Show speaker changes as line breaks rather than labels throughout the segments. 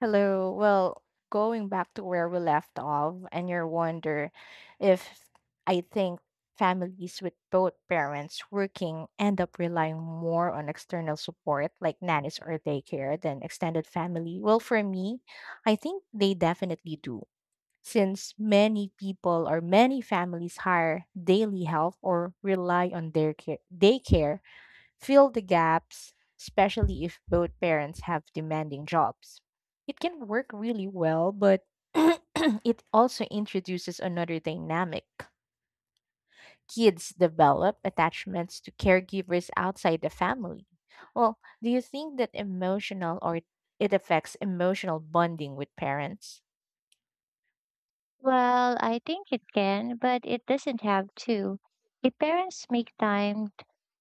Hello. Well, going back to where we left off, and your wonder if I think families with both parents working end up relying more on external support like nannies or daycare than extended family. Well, for me, I think they definitely do. Since many people or many families hire daily help or rely on their care, daycare fill the gaps, especially if both parents have demanding jobs. It can work really well, but it also introduces another dynamic. Kids develop attachments to caregivers outside the family. Well, do you think that emotional or it affects emotional bonding with parents?
Well, I think it can, but it doesn't have to. If parents make time,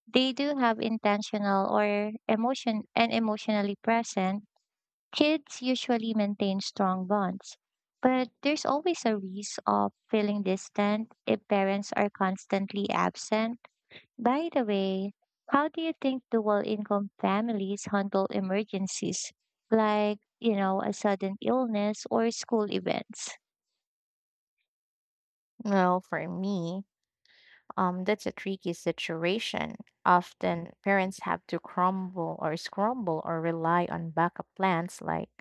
they do have intentional or emotion and emotionally present. Kids usually maintain strong bonds, but there's always a risk of feeling distant if parents are constantly absent. By the way, how do you think dual income families handle emergencies like, a sudden illness or school events?
Well, for me, that's a tricky situation. Often parents have to crumble or scramble or rely on backup plans like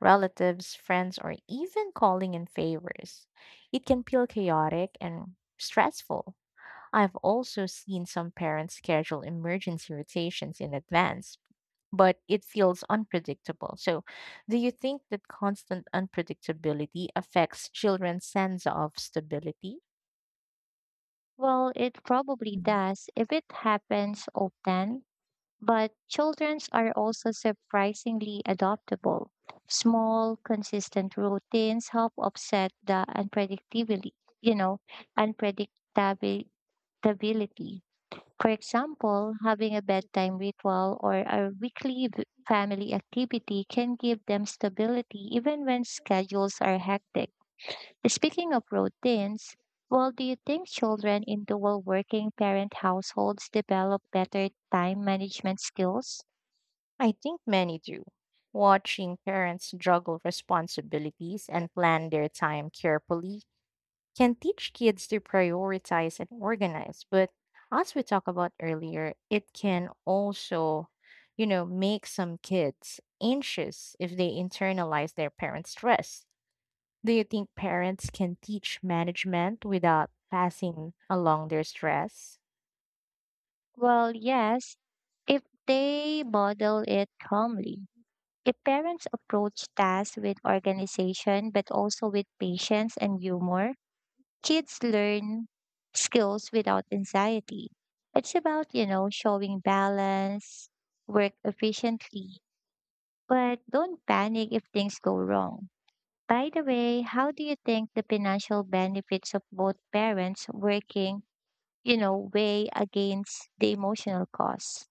relatives, friends, or even calling in favors. It can feel chaotic and stressful. I've also seen some parents schedule emergency rotations in advance, but it feels unpredictable. So, do you think that constant unpredictability affects children's sense of stability?
Well, it probably does if it happens often, but childrens are also surprisingly adaptable. Small, consistent routines help offset the unpredictability, you know, unpredictability. For example, having a bedtime ritual or a weekly family activity can give them stability even when schedules are hectic. Speaking of routines, well, do you think children in dual working parent households develop better time management skills?
I think many do. Watching parents juggle responsibilities and plan their time carefully can teach kids to prioritize and organize. But as we talked about earlier, it can also, you know, make some kids anxious if they internalize their parents' stress. Do you think parents can teach management without passing along their stress?
Well, yes, if they model it calmly. If parents approach tasks with organization but also with patience and humor, kids learn skills without anxiety. It's about, showing balance, work efficiently, but don't panic if things go wrong. By the way, how do you think the financial benefits of both parents working, weigh against the emotional costs?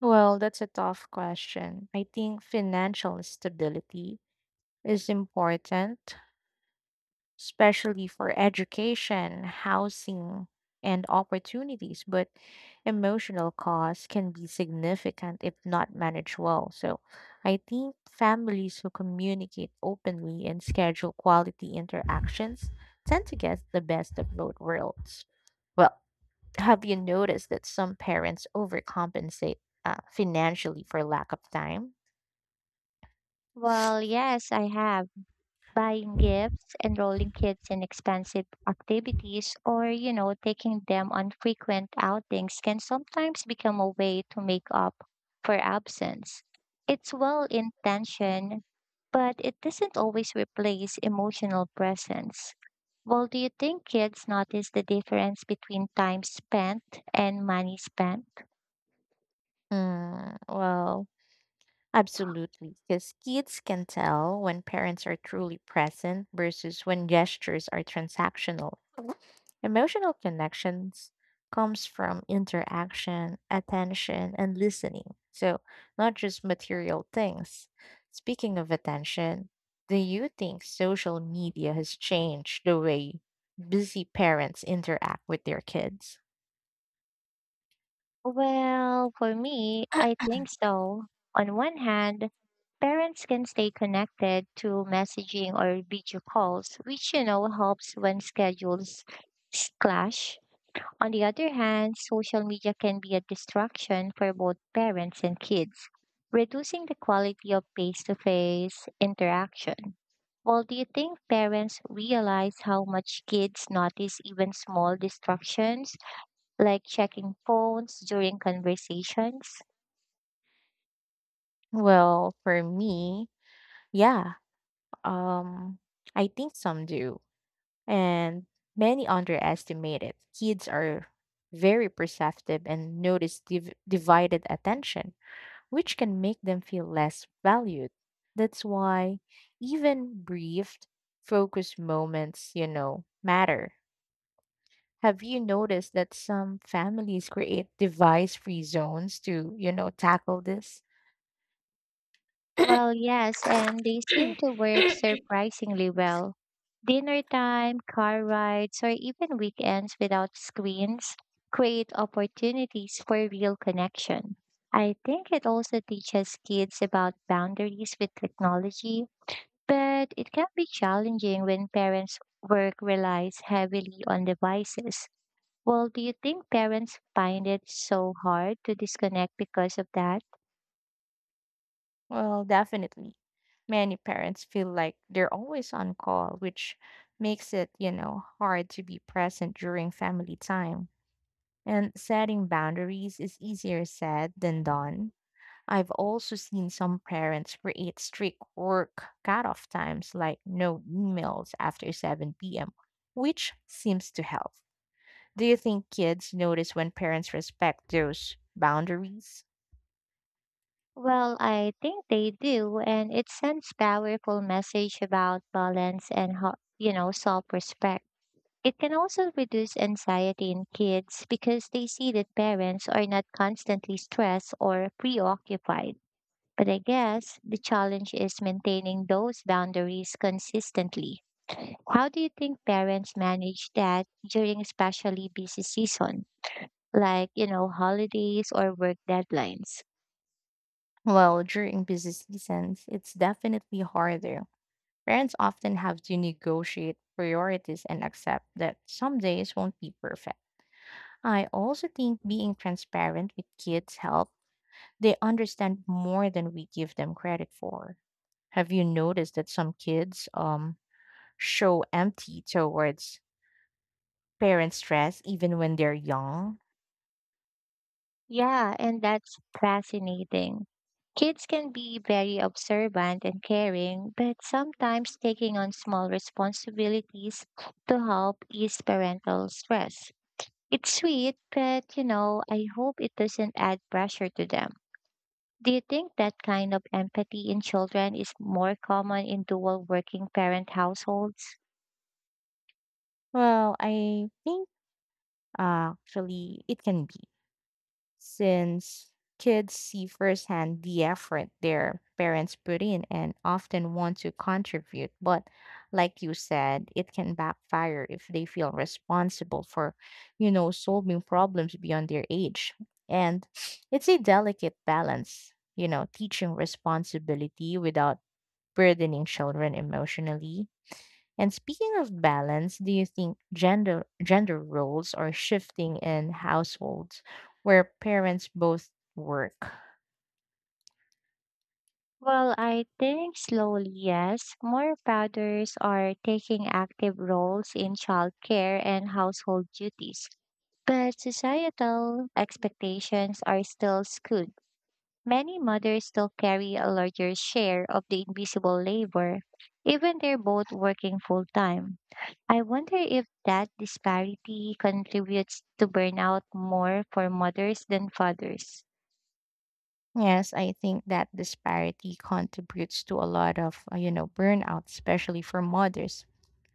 Well, that's a tough question. I think financial stability is important, especially for education, housing, and opportunities, but emotional costs can be significant if not managed well. So I think families who communicate openly and schedule quality interactions tend to get the best of both worlds. Well, have you noticed that some parents overcompensate financially for lack of time?
Well, yes, I have. Buying gifts, enrolling kids in expensive activities, or, taking them on frequent outings can sometimes become a way to make up for absence. It's well intentioned, but it doesn't always replace emotional presence. Well, do you think kids notice the difference between time spent and money spent?
Mm, well, absolutely, because kids can tell when parents are truly present versus when gestures are transactional. Emotional connections comes from interaction, attention, and listening. So, not just material things. Speaking of attention, do you think social media has changed the way busy parents interact with their kids?
Well, for me, I think so. On one hand, parents can stay connected through messaging or video calls, which, helps when schedules clash. On the other hand, social media can be a distraction for both parents and kids, reducing the quality of face-to-face interaction. Well, do you think parents realize how much kids notice even small distractions, like checking phones during conversations?
Well, for me, yeah. Um, I think some do and many underestimate it. Kids are very perceptive and notice divided attention, which can make them feel less valued. That's why even brief, focused moments, you know, matter. Have you noticed that some families create device free zones to, you know, tackle this?
Well, yes, and they seem to work surprisingly well. Dinner time, car rides, or even weekends without screens create opportunities for real connection. I think it also teaches kids about boundaries with technology, but it can be challenging when parents' work relies heavily on devices. Well, do you think parents find it so hard to disconnect because of that?
Well, definitely. Many parents feel like they're always on call, which makes it, you know, hard to be present during family time. And setting boundaries is easier said than done. I've also seen some parents create strict work cutoff times, like no emails after 7 p.m., which seems to help. Do you think kids notice when parents respect those boundaries?
Well, I think they do, and it sends powerful message about balance and how, self-respect. It can also reduce anxiety in kids because they see that parents are not constantly stressed or preoccupied. But I guess the challenge is maintaining those boundaries consistently. How do you think parents manage that during especially busy season, like, holidays or work deadlines?
Well, during busy seasons, it's definitely harder. Parents often have to negotiate priorities and accept that some days won't be perfect. I also think being transparent with kids help. They understand more than we give them credit for. Have you noticed that some kids show empty towards parent stress even when they're young?
Yeah, and that's fascinating. Kids can be very observant and caring, but sometimes taking on small responsibilities to help ease parental stress. It's sweet, but I hope it doesn't add pressure to them. Do you think that kind of empathy in children is more common in dual working parent households?
Well, I think actually it can be, since kids see firsthand the effort their parents put in and often want to contribute. But like you said, it can backfire if they feel responsible for, you know, solving problems beyond their age. And it's a delicate balance, you know, teaching responsibility without burdening children emotionally and speaking of balance, do you think gender roles are shifting in households where parents both work?
Well, I think slowly, yes. More fathers are taking active roles in childcare and household duties, but societal expectations are still skewed. Many mothers still carry a larger share of the invisible labor, even they're both working full time. I wonder if that disparity contributes to burnout more for mothers than fathers.
Yes, I think that disparity contributes to a lot of, you know, burnout, especially for mothers,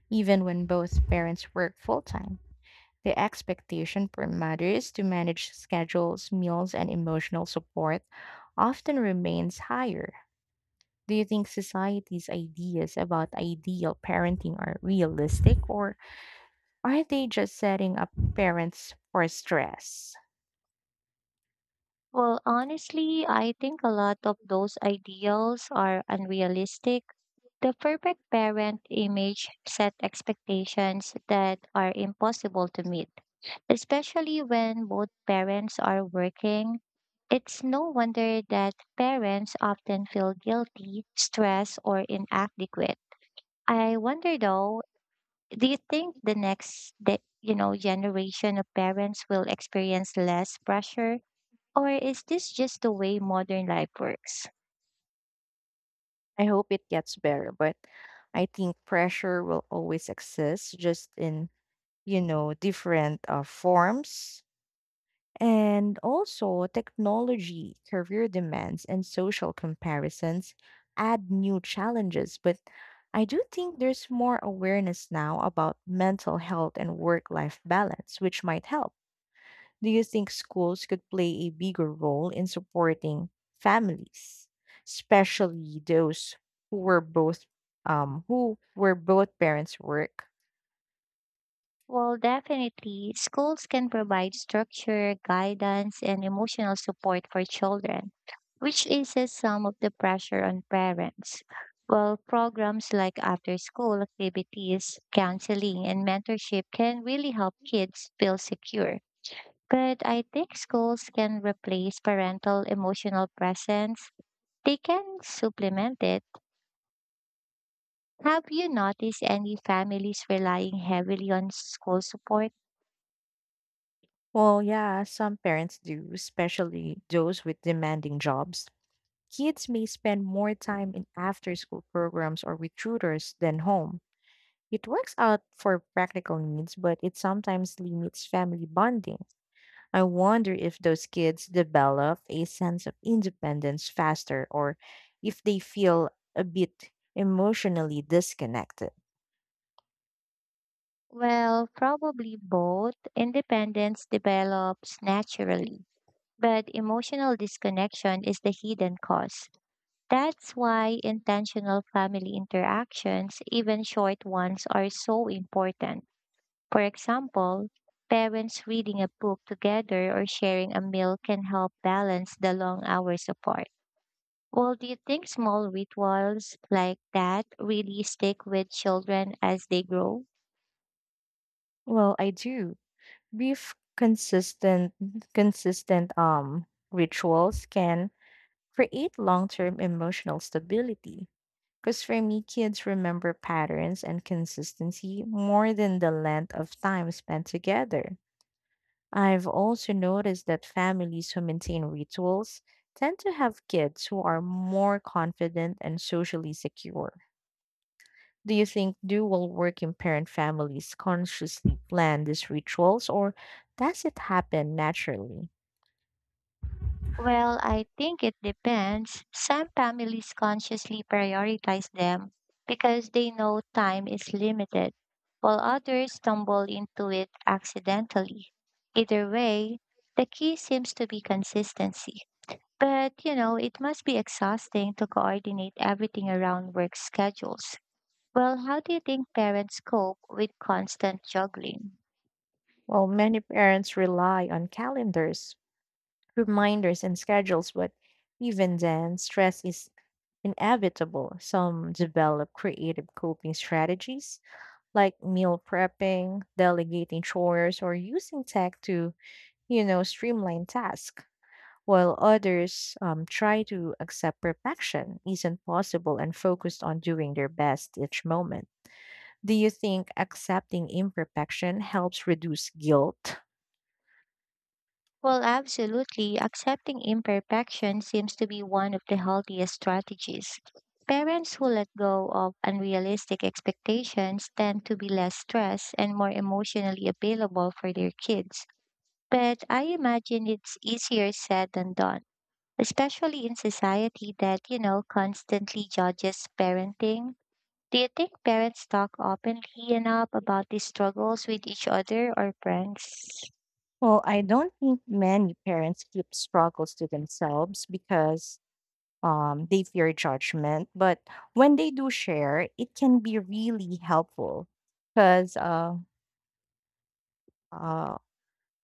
even when both parents work full time. The expectation for mothers to manage schedules, meals, and emotional support often remains higher. Do you think society's ideas about ideal parenting are realistic or are they just setting up parents for stress?
Well, honestly, I think a lot of those ideals are unrealistic. The perfect parent image set expectations that are impossible to meet, especially when both parents are working. It's no wonder that parents often feel guilty, stressed, or inadequate. I wonder though, do you think the next, generation of parents will experience less pressure, or is this just the way modern life works?
I hope it gets better, but I think pressure will always exist, just in, you know, different forms. And also, technology, career demands, and social comparisons add new challenges. But I do think there's more awareness now about mental health and work life balance, which might help. Do you think schools could play a bigger role in supporting families, especially those who were both who where both parents work?
Well, definitely, schools can provide structure, guidance, and emotional support for children, which eases some of the pressure on parents. Well, programs like after school activities, counseling, and mentorship can really help kids feel secure. But I think schools can replace parental emotional presence. They can supplement it. Have you noticed any families relying heavily on school support?
Well, yeah, some parents do, especially those with demanding jobs. Kids may spend more time in after school programs or with tutors than home. It works out for practical needs, but it sometimes limits family bonding. I wonder if those kids develop a sense of independence faster or if they feel a bit emotionally disconnected.
Well, probably both. Independence develops naturally, but emotional disconnection is the hidden cause. That's why intentional family interactions, even short ones, are so important. For example, parents reading a book together or sharing a meal can help balance the long hours apart. Well, do you think small rituals like that really stick with children as they grow?
Well, I do. Brief consistent rituals can create long-term emotional stability. Because for me, kids remember patterns and consistency more than the length of time spent together. I've also noticed that families who maintain rituals tend to have kids who are more confident and socially secure. Do you think dual working parent families consciously plan these rituals or does it happen naturally?
Well, I think it depends. Some families consciously prioritize them because they know time is limited, while others stumble into it accidentally. Either way, the key seems to be consistency. But, it must be exhausting to coordinate everything around work schedules. Well, how do you think parents cope with constant juggling?
Well, many parents rely on calendars, reminders, and schedules, but even then, stress is inevitable. Some develop creative coping strategies like meal prepping, delegating chores, or using tech to, you know, streamline tasks, while others try to accept perfection isn't possible and focused on doing their best each moment. Do you think accepting imperfection helps reduce guilt?
Well, absolutely. Accepting imperfection seems to be one of the healthiest strategies. Parents who let go of unrealistic expectations tend to be less stressed and more emotionally available for their kids. But I imagine it's easier said than done, especially in society that, constantly judges parenting. Do you think parents talk openly enough about these struggles with each other or friends?
Well, I don't think many parents keep struggles to themselves because they fear judgment. But when they do share, it can be really helpful because uh,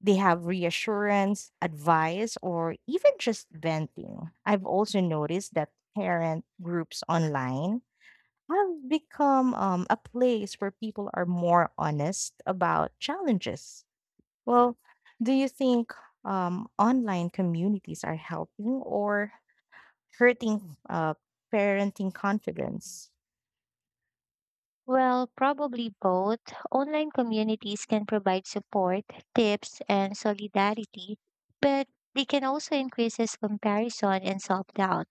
they have reassurance, advice, or even just venting. I've also noticed that parent groups online have become a place where people are more honest about challenges. Well, do you think online communities are helping or hurting parenting confidence?
Well, probably both. Online communities can provide support, tips, and solidarity, but they can also increase this comparison and self doubt.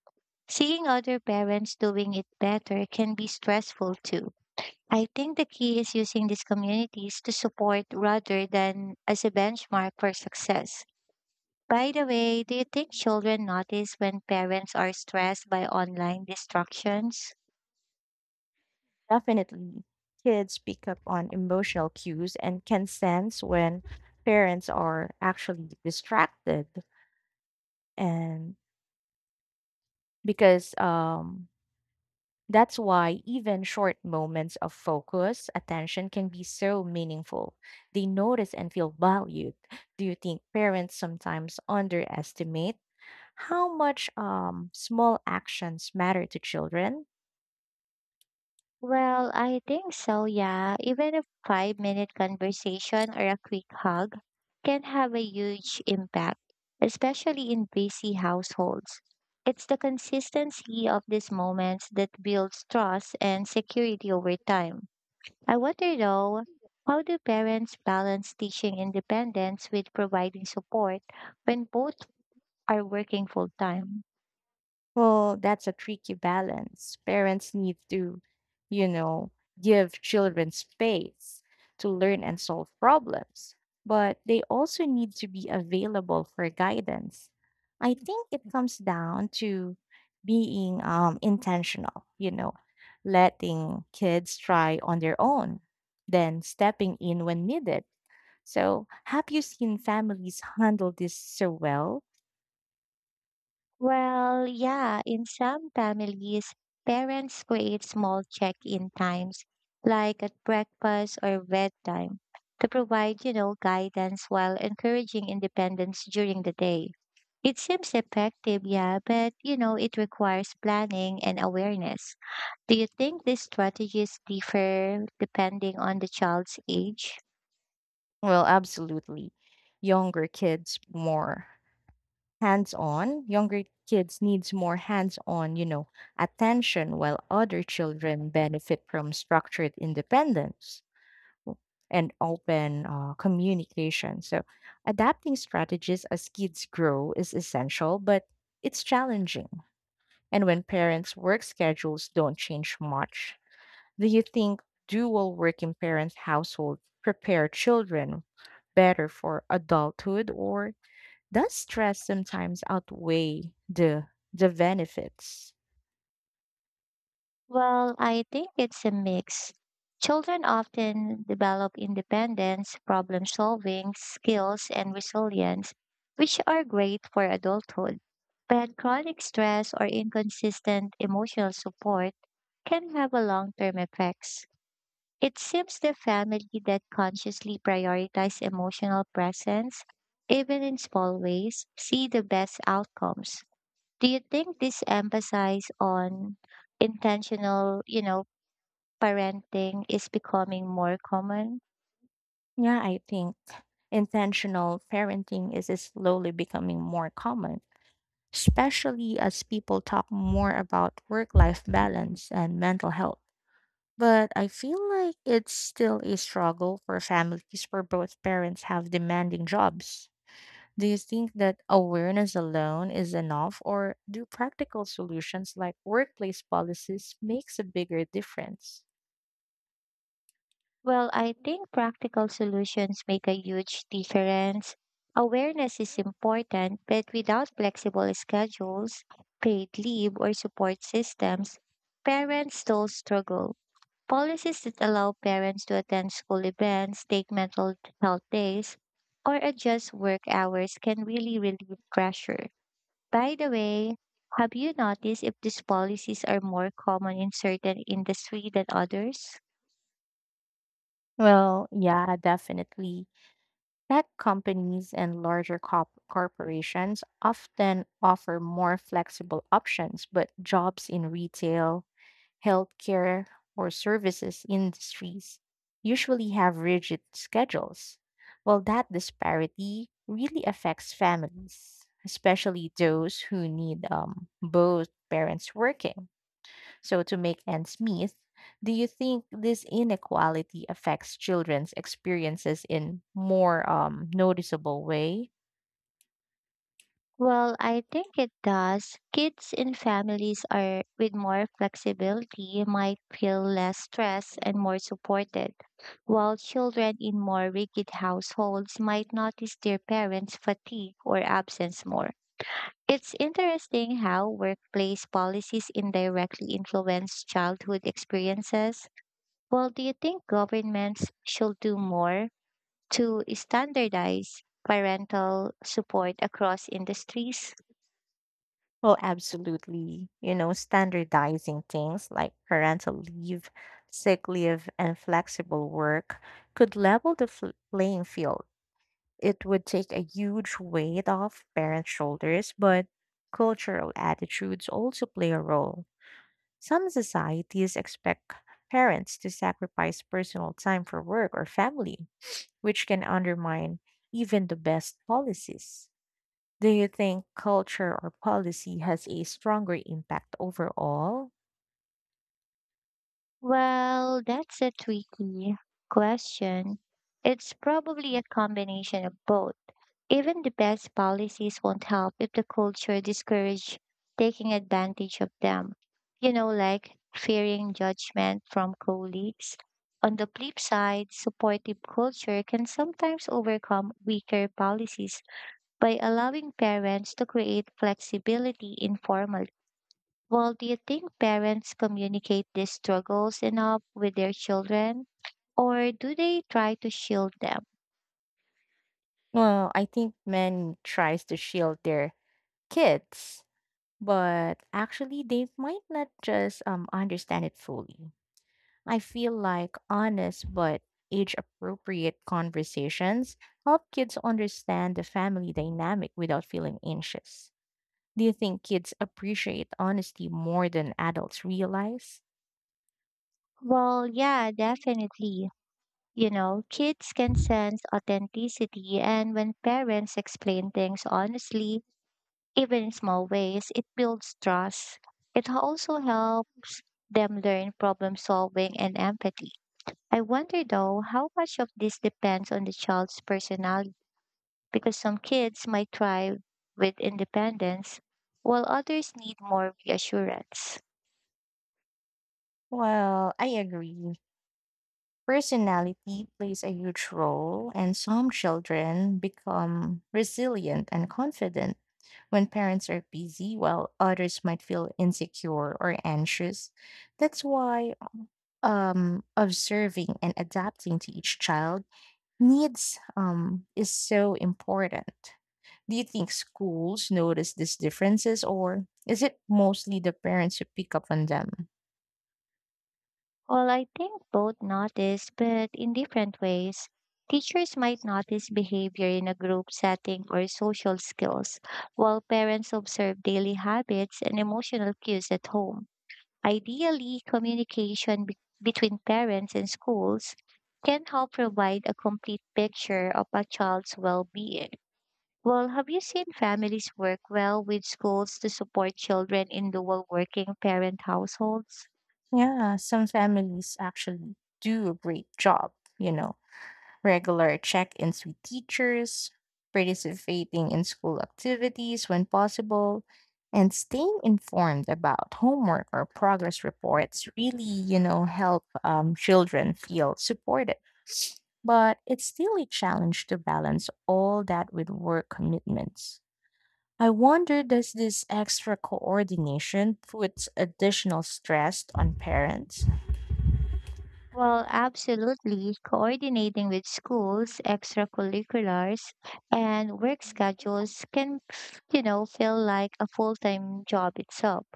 Seeing other parents doing it better can be stressful too. I think the key is using these communities to support rather than as a benchmark for success. By the way, do you think children notice when parents are stressed by online distractions?
Definitely. Kids pick up on emotional cues and can sense when parents are actually distracted. And because that's why even short moments of focus, attention can be so meaningful. They notice and feel valued. Do you think parents sometimes underestimate how much small actions matter to children?
Well, I think so, yeah. Even a 5 minute conversation or a quick hug can have a huge impact, especially in busy households. It's the consistency of these moments that builds trust and security over time. I wonder though, how do parents balance teaching independence with providing support when both are working full time?
Well, that's a tricky balance. Parents need to, you know, give children space to learn and solve problems, but they also need to be available for guidance. I think it comes down to being intentional, you know, letting kids try on their own, then stepping in when needed. So, have you seen families handle this so well?
Well, yeah, in some families, parents create small check-in times, like at breakfast or bedtime, to provide, guidance while encouraging independence during the day. It seems effective, yeah, but, it requires planning and awareness. Do you think these strategies differ depending on the child's age?
Well, absolutely. Younger kids more Younger kids needs more hands-on, you know, attention while other children benefit from structured independence w- and open communication. So, adapting strategies as kids grow is essential, but it's challenging. And when parents' work schedules don't change much, do you think dual working parents household prepare children better for adulthood, or does stress sometimes outweigh the benefits?
Well, I think it's a mix. Children often develop independence, problem solving skills, and resilience, which are great for adulthood. But chronic stress or inconsistent emotional support can have a long term effects. It seems the family that consciously prioritize emotional presence, even in small ways, see the best outcomes. Do you think this emphasis on intentional, parenting is becoming more common?
Yeah, I think intentional parenting is slowly becoming more common, especially as people talk more about work-life balance and mental health. But I feel like it's still a struggle for families where both parents have demanding jobs. Do you think that awareness alone is enough, or do practical solutions like workplace policies makes a bigger difference?
Well, I think practical solutions make a huge difference. Awareness is important, but without flexible schedules, paid leave, or support systems, parents still struggle. Policies that allow parents to attend school events, take mental health days, or adjust work hours can really relieve pressure. By the way, have you noticed if these policies are more common in certain industry than others?
Well, yeah, definitely. Tech companies and larger corporations often offer more flexible options, but jobs in retail, healthcare, or services industries usually have rigid schedules. Well, that disparity really affects families, especially those who need both parents working. So, to make ends meet, do you think this inequality affects children's experiences in more noticeable way?
Well, I think it does. Kids in families are with more flexibility might feel less stressed and more supported, while children in more rigid households might notice their parents' fatigue or absence more. It's interesting how workplace policies indirectly influence childhood experiences. Well, do you think governments should do more to standardize parental support across industries?
Well, absolutely. You know, standardizing things like parental leave, sick leave, and flexible work could level the playing field. It would take a huge weight off parents' shoulders, but cultural attitudes also play a role. Some societies expect parents to sacrifice personal time for work or family, which can undermine even the best policies. Do you think culture or policy has a stronger impact overall?
Well, that's a tricky question. It's probably a combination of both. Even the best policies won't help if the culture discourages taking advantage of them. You know, like fearing judgment from colleagues. On the flip side, supportive culture can sometimes overcome weaker policies by allowing parents to create flexibility informally. Well, do you think parents communicate these struggles enough with their children, or do they try to shield them?
Well, I think men tries to shield their kids, but actually they might not just understand it fully. I feel like honest but age appropriate conversations help kids understand the family dynamic without feeling anxious. Do you think kids appreciate honesty more than adults realize?
Well, yeah, definitely. Kids can sense authenticity, and when parents explain things honestly, even in small ways, it builds trust. It also helps them learn problem solving and empathy. I wonder though how much of this depends on the child's personality because some kids might thrive with independence while others need more reassurance.
Well, I agree. Personality plays a huge role, and some children become resilient and confident when parents are busy, while others might feel insecure or anxious. That's why observing and adapting to each child needs is so important. Do you think schools notice these differences, or is it mostly the parents who pick up on them?
Well, I think both notice, but in different ways. Teachers might notice behavior in a group setting or social skills, while parents observe daily habits and emotional cues at home. Ideally, communication between parents and schools can help provide a complete picture of a child's well being. Well, have you seen families work well with schools to support children in dual working parent households?
Yeah, some families actually do a great job, you know, regular check ins with teachers, participating in school activities when possible, and staying informed about homework or progress reports really, you know, help children feel supported. But it's still a challenge to balance all that with work commitments. I wonder does this extra coordination put additional stress on parents?
Well, absolutely. Coordinating with schools, extracurriculars, and work schedules can, feel like a full time job itself.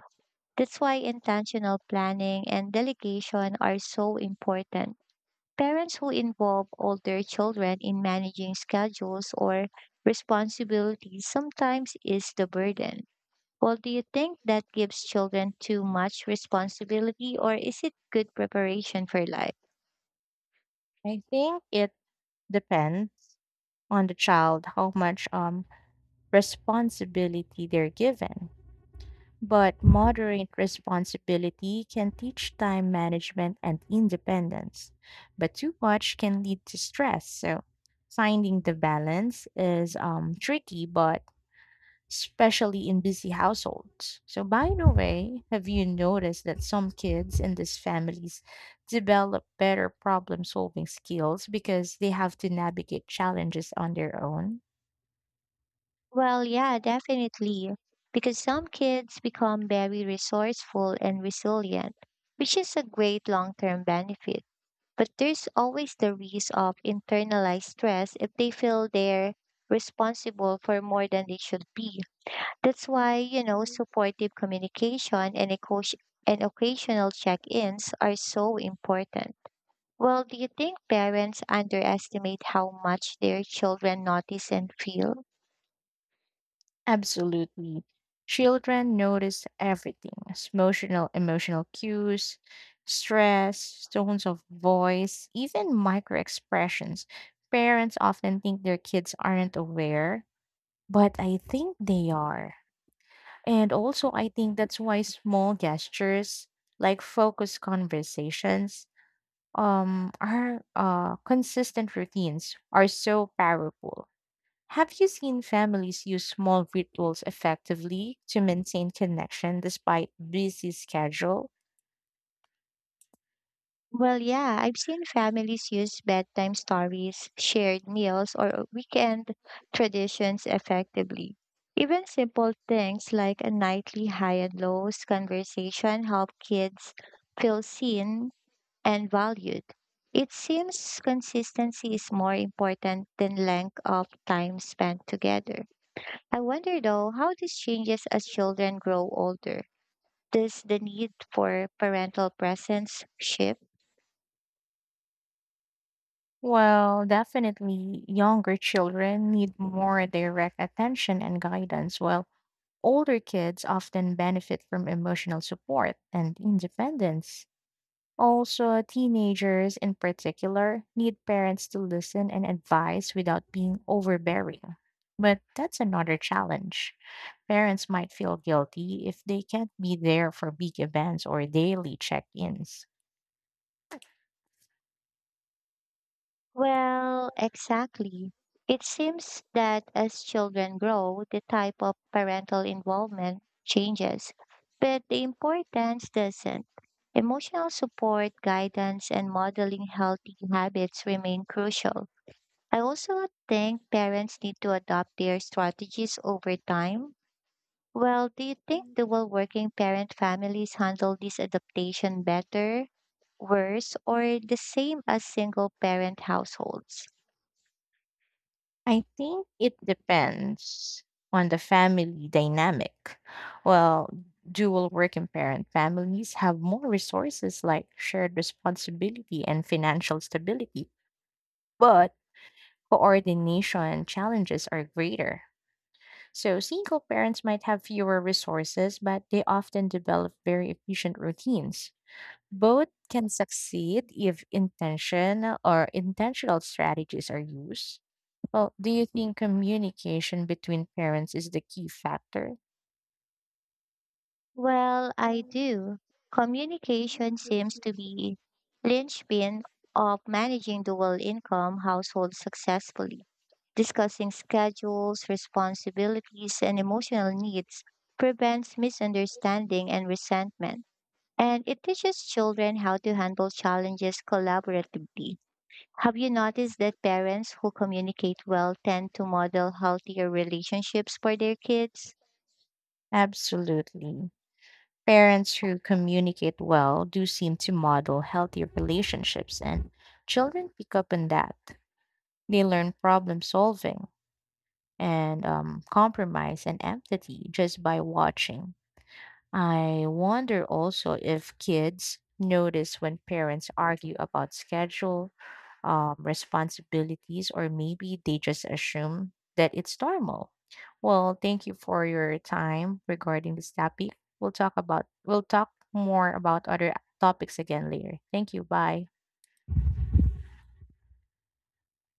That's why intentional planning and delegation are so important. Parents who involve older children in managing schedules or responsibilities sometimes is the burden. Well, do you think that gives children too much responsibility or is it good preparation for life?
I think it depends on the child how much responsibility they're given. But moderate responsibility can teach time management and independence. But too much can lead to stress. So finding the balance is tricky, but especially in busy households. So, by the way, have you noticed that some kids in these families develop better problem solving skills because they have to navigate challenges on their own?
Well, yeah, definitely. Because some kids become very resourceful and resilient, which is a great long term benefit. But there's always the risk of internalized stress if they feel they're responsible for more than they should be. That's why, supportive communication and and occasional check ins are so important. Well, do you think parents underestimate how much their children notice and feel?
Absolutely. Children notice everything emotional, emotional cues, stress, tones of voice, even micro expressions. Parents often think their kids aren't aware, but I think they are. And also, I think that's why small gestures like focused conversations, are consistent routines are so powerful. Have you seen families use small rituals effectively to maintain connection despite busy schedule?
Well, yeah, I've seen families use bedtime stories, shared meals, or weekend traditions effectively. Even simple things like a nightly high and lows conversation help kids feel seen and valued. It seems consistency is more important than length of time spent together. I wonder though how this changes as children grow older. Does the need for parental presence shift?
Well, definitely younger children need more direct attention and guidance, while older kids often benefit from emotional support and independence. Also, teenagers in particular need parents to listen and advise without being overbearing. But that's another challenge. Parents might feel guilty if they can't be there for big events or daily check ins.
Well, exactly. It seems that as children grow, the type of parental involvement changes, but the importance doesn't. Emotional support, guidance, and modeling healthy habits remain crucial. I also think parents need to adopt their strategies over time. Well, do you think dual working parent families handle this adaptation better, worse, or the same as single parent households?
I think it depends on the family dynamic. Well, dual working parent families have more resources like shared responsibility and financial stability, but coordination challenges are greater. So, single parents might have fewer resources, but they often develop very efficient routines. Both can succeed if intention or intentional strategies are used. Well, do you think communication between parents is the key factor?
Well, I do. Communication seems to be linchpin of managing dual income households successfully. Discussing schedules, responsibilities, and emotional needs prevents misunderstanding and resentment, and it teaches children how to handle challenges collaboratively. Have you noticed that parents who communicate well tend to model healthier relationships for their kids?
Absolutely. Parents who communicate well do seem to model healthy relationships, and children pick up on that. They learn problem solving and compromise and empathy just by watching. I wonder also if kids notice when parents argue about schedule, responsibilities, or maybe they just assume that it's normal. Well, thank you for your time regarding this topic. We'll talk more about other topics again later. Thank you. Bye.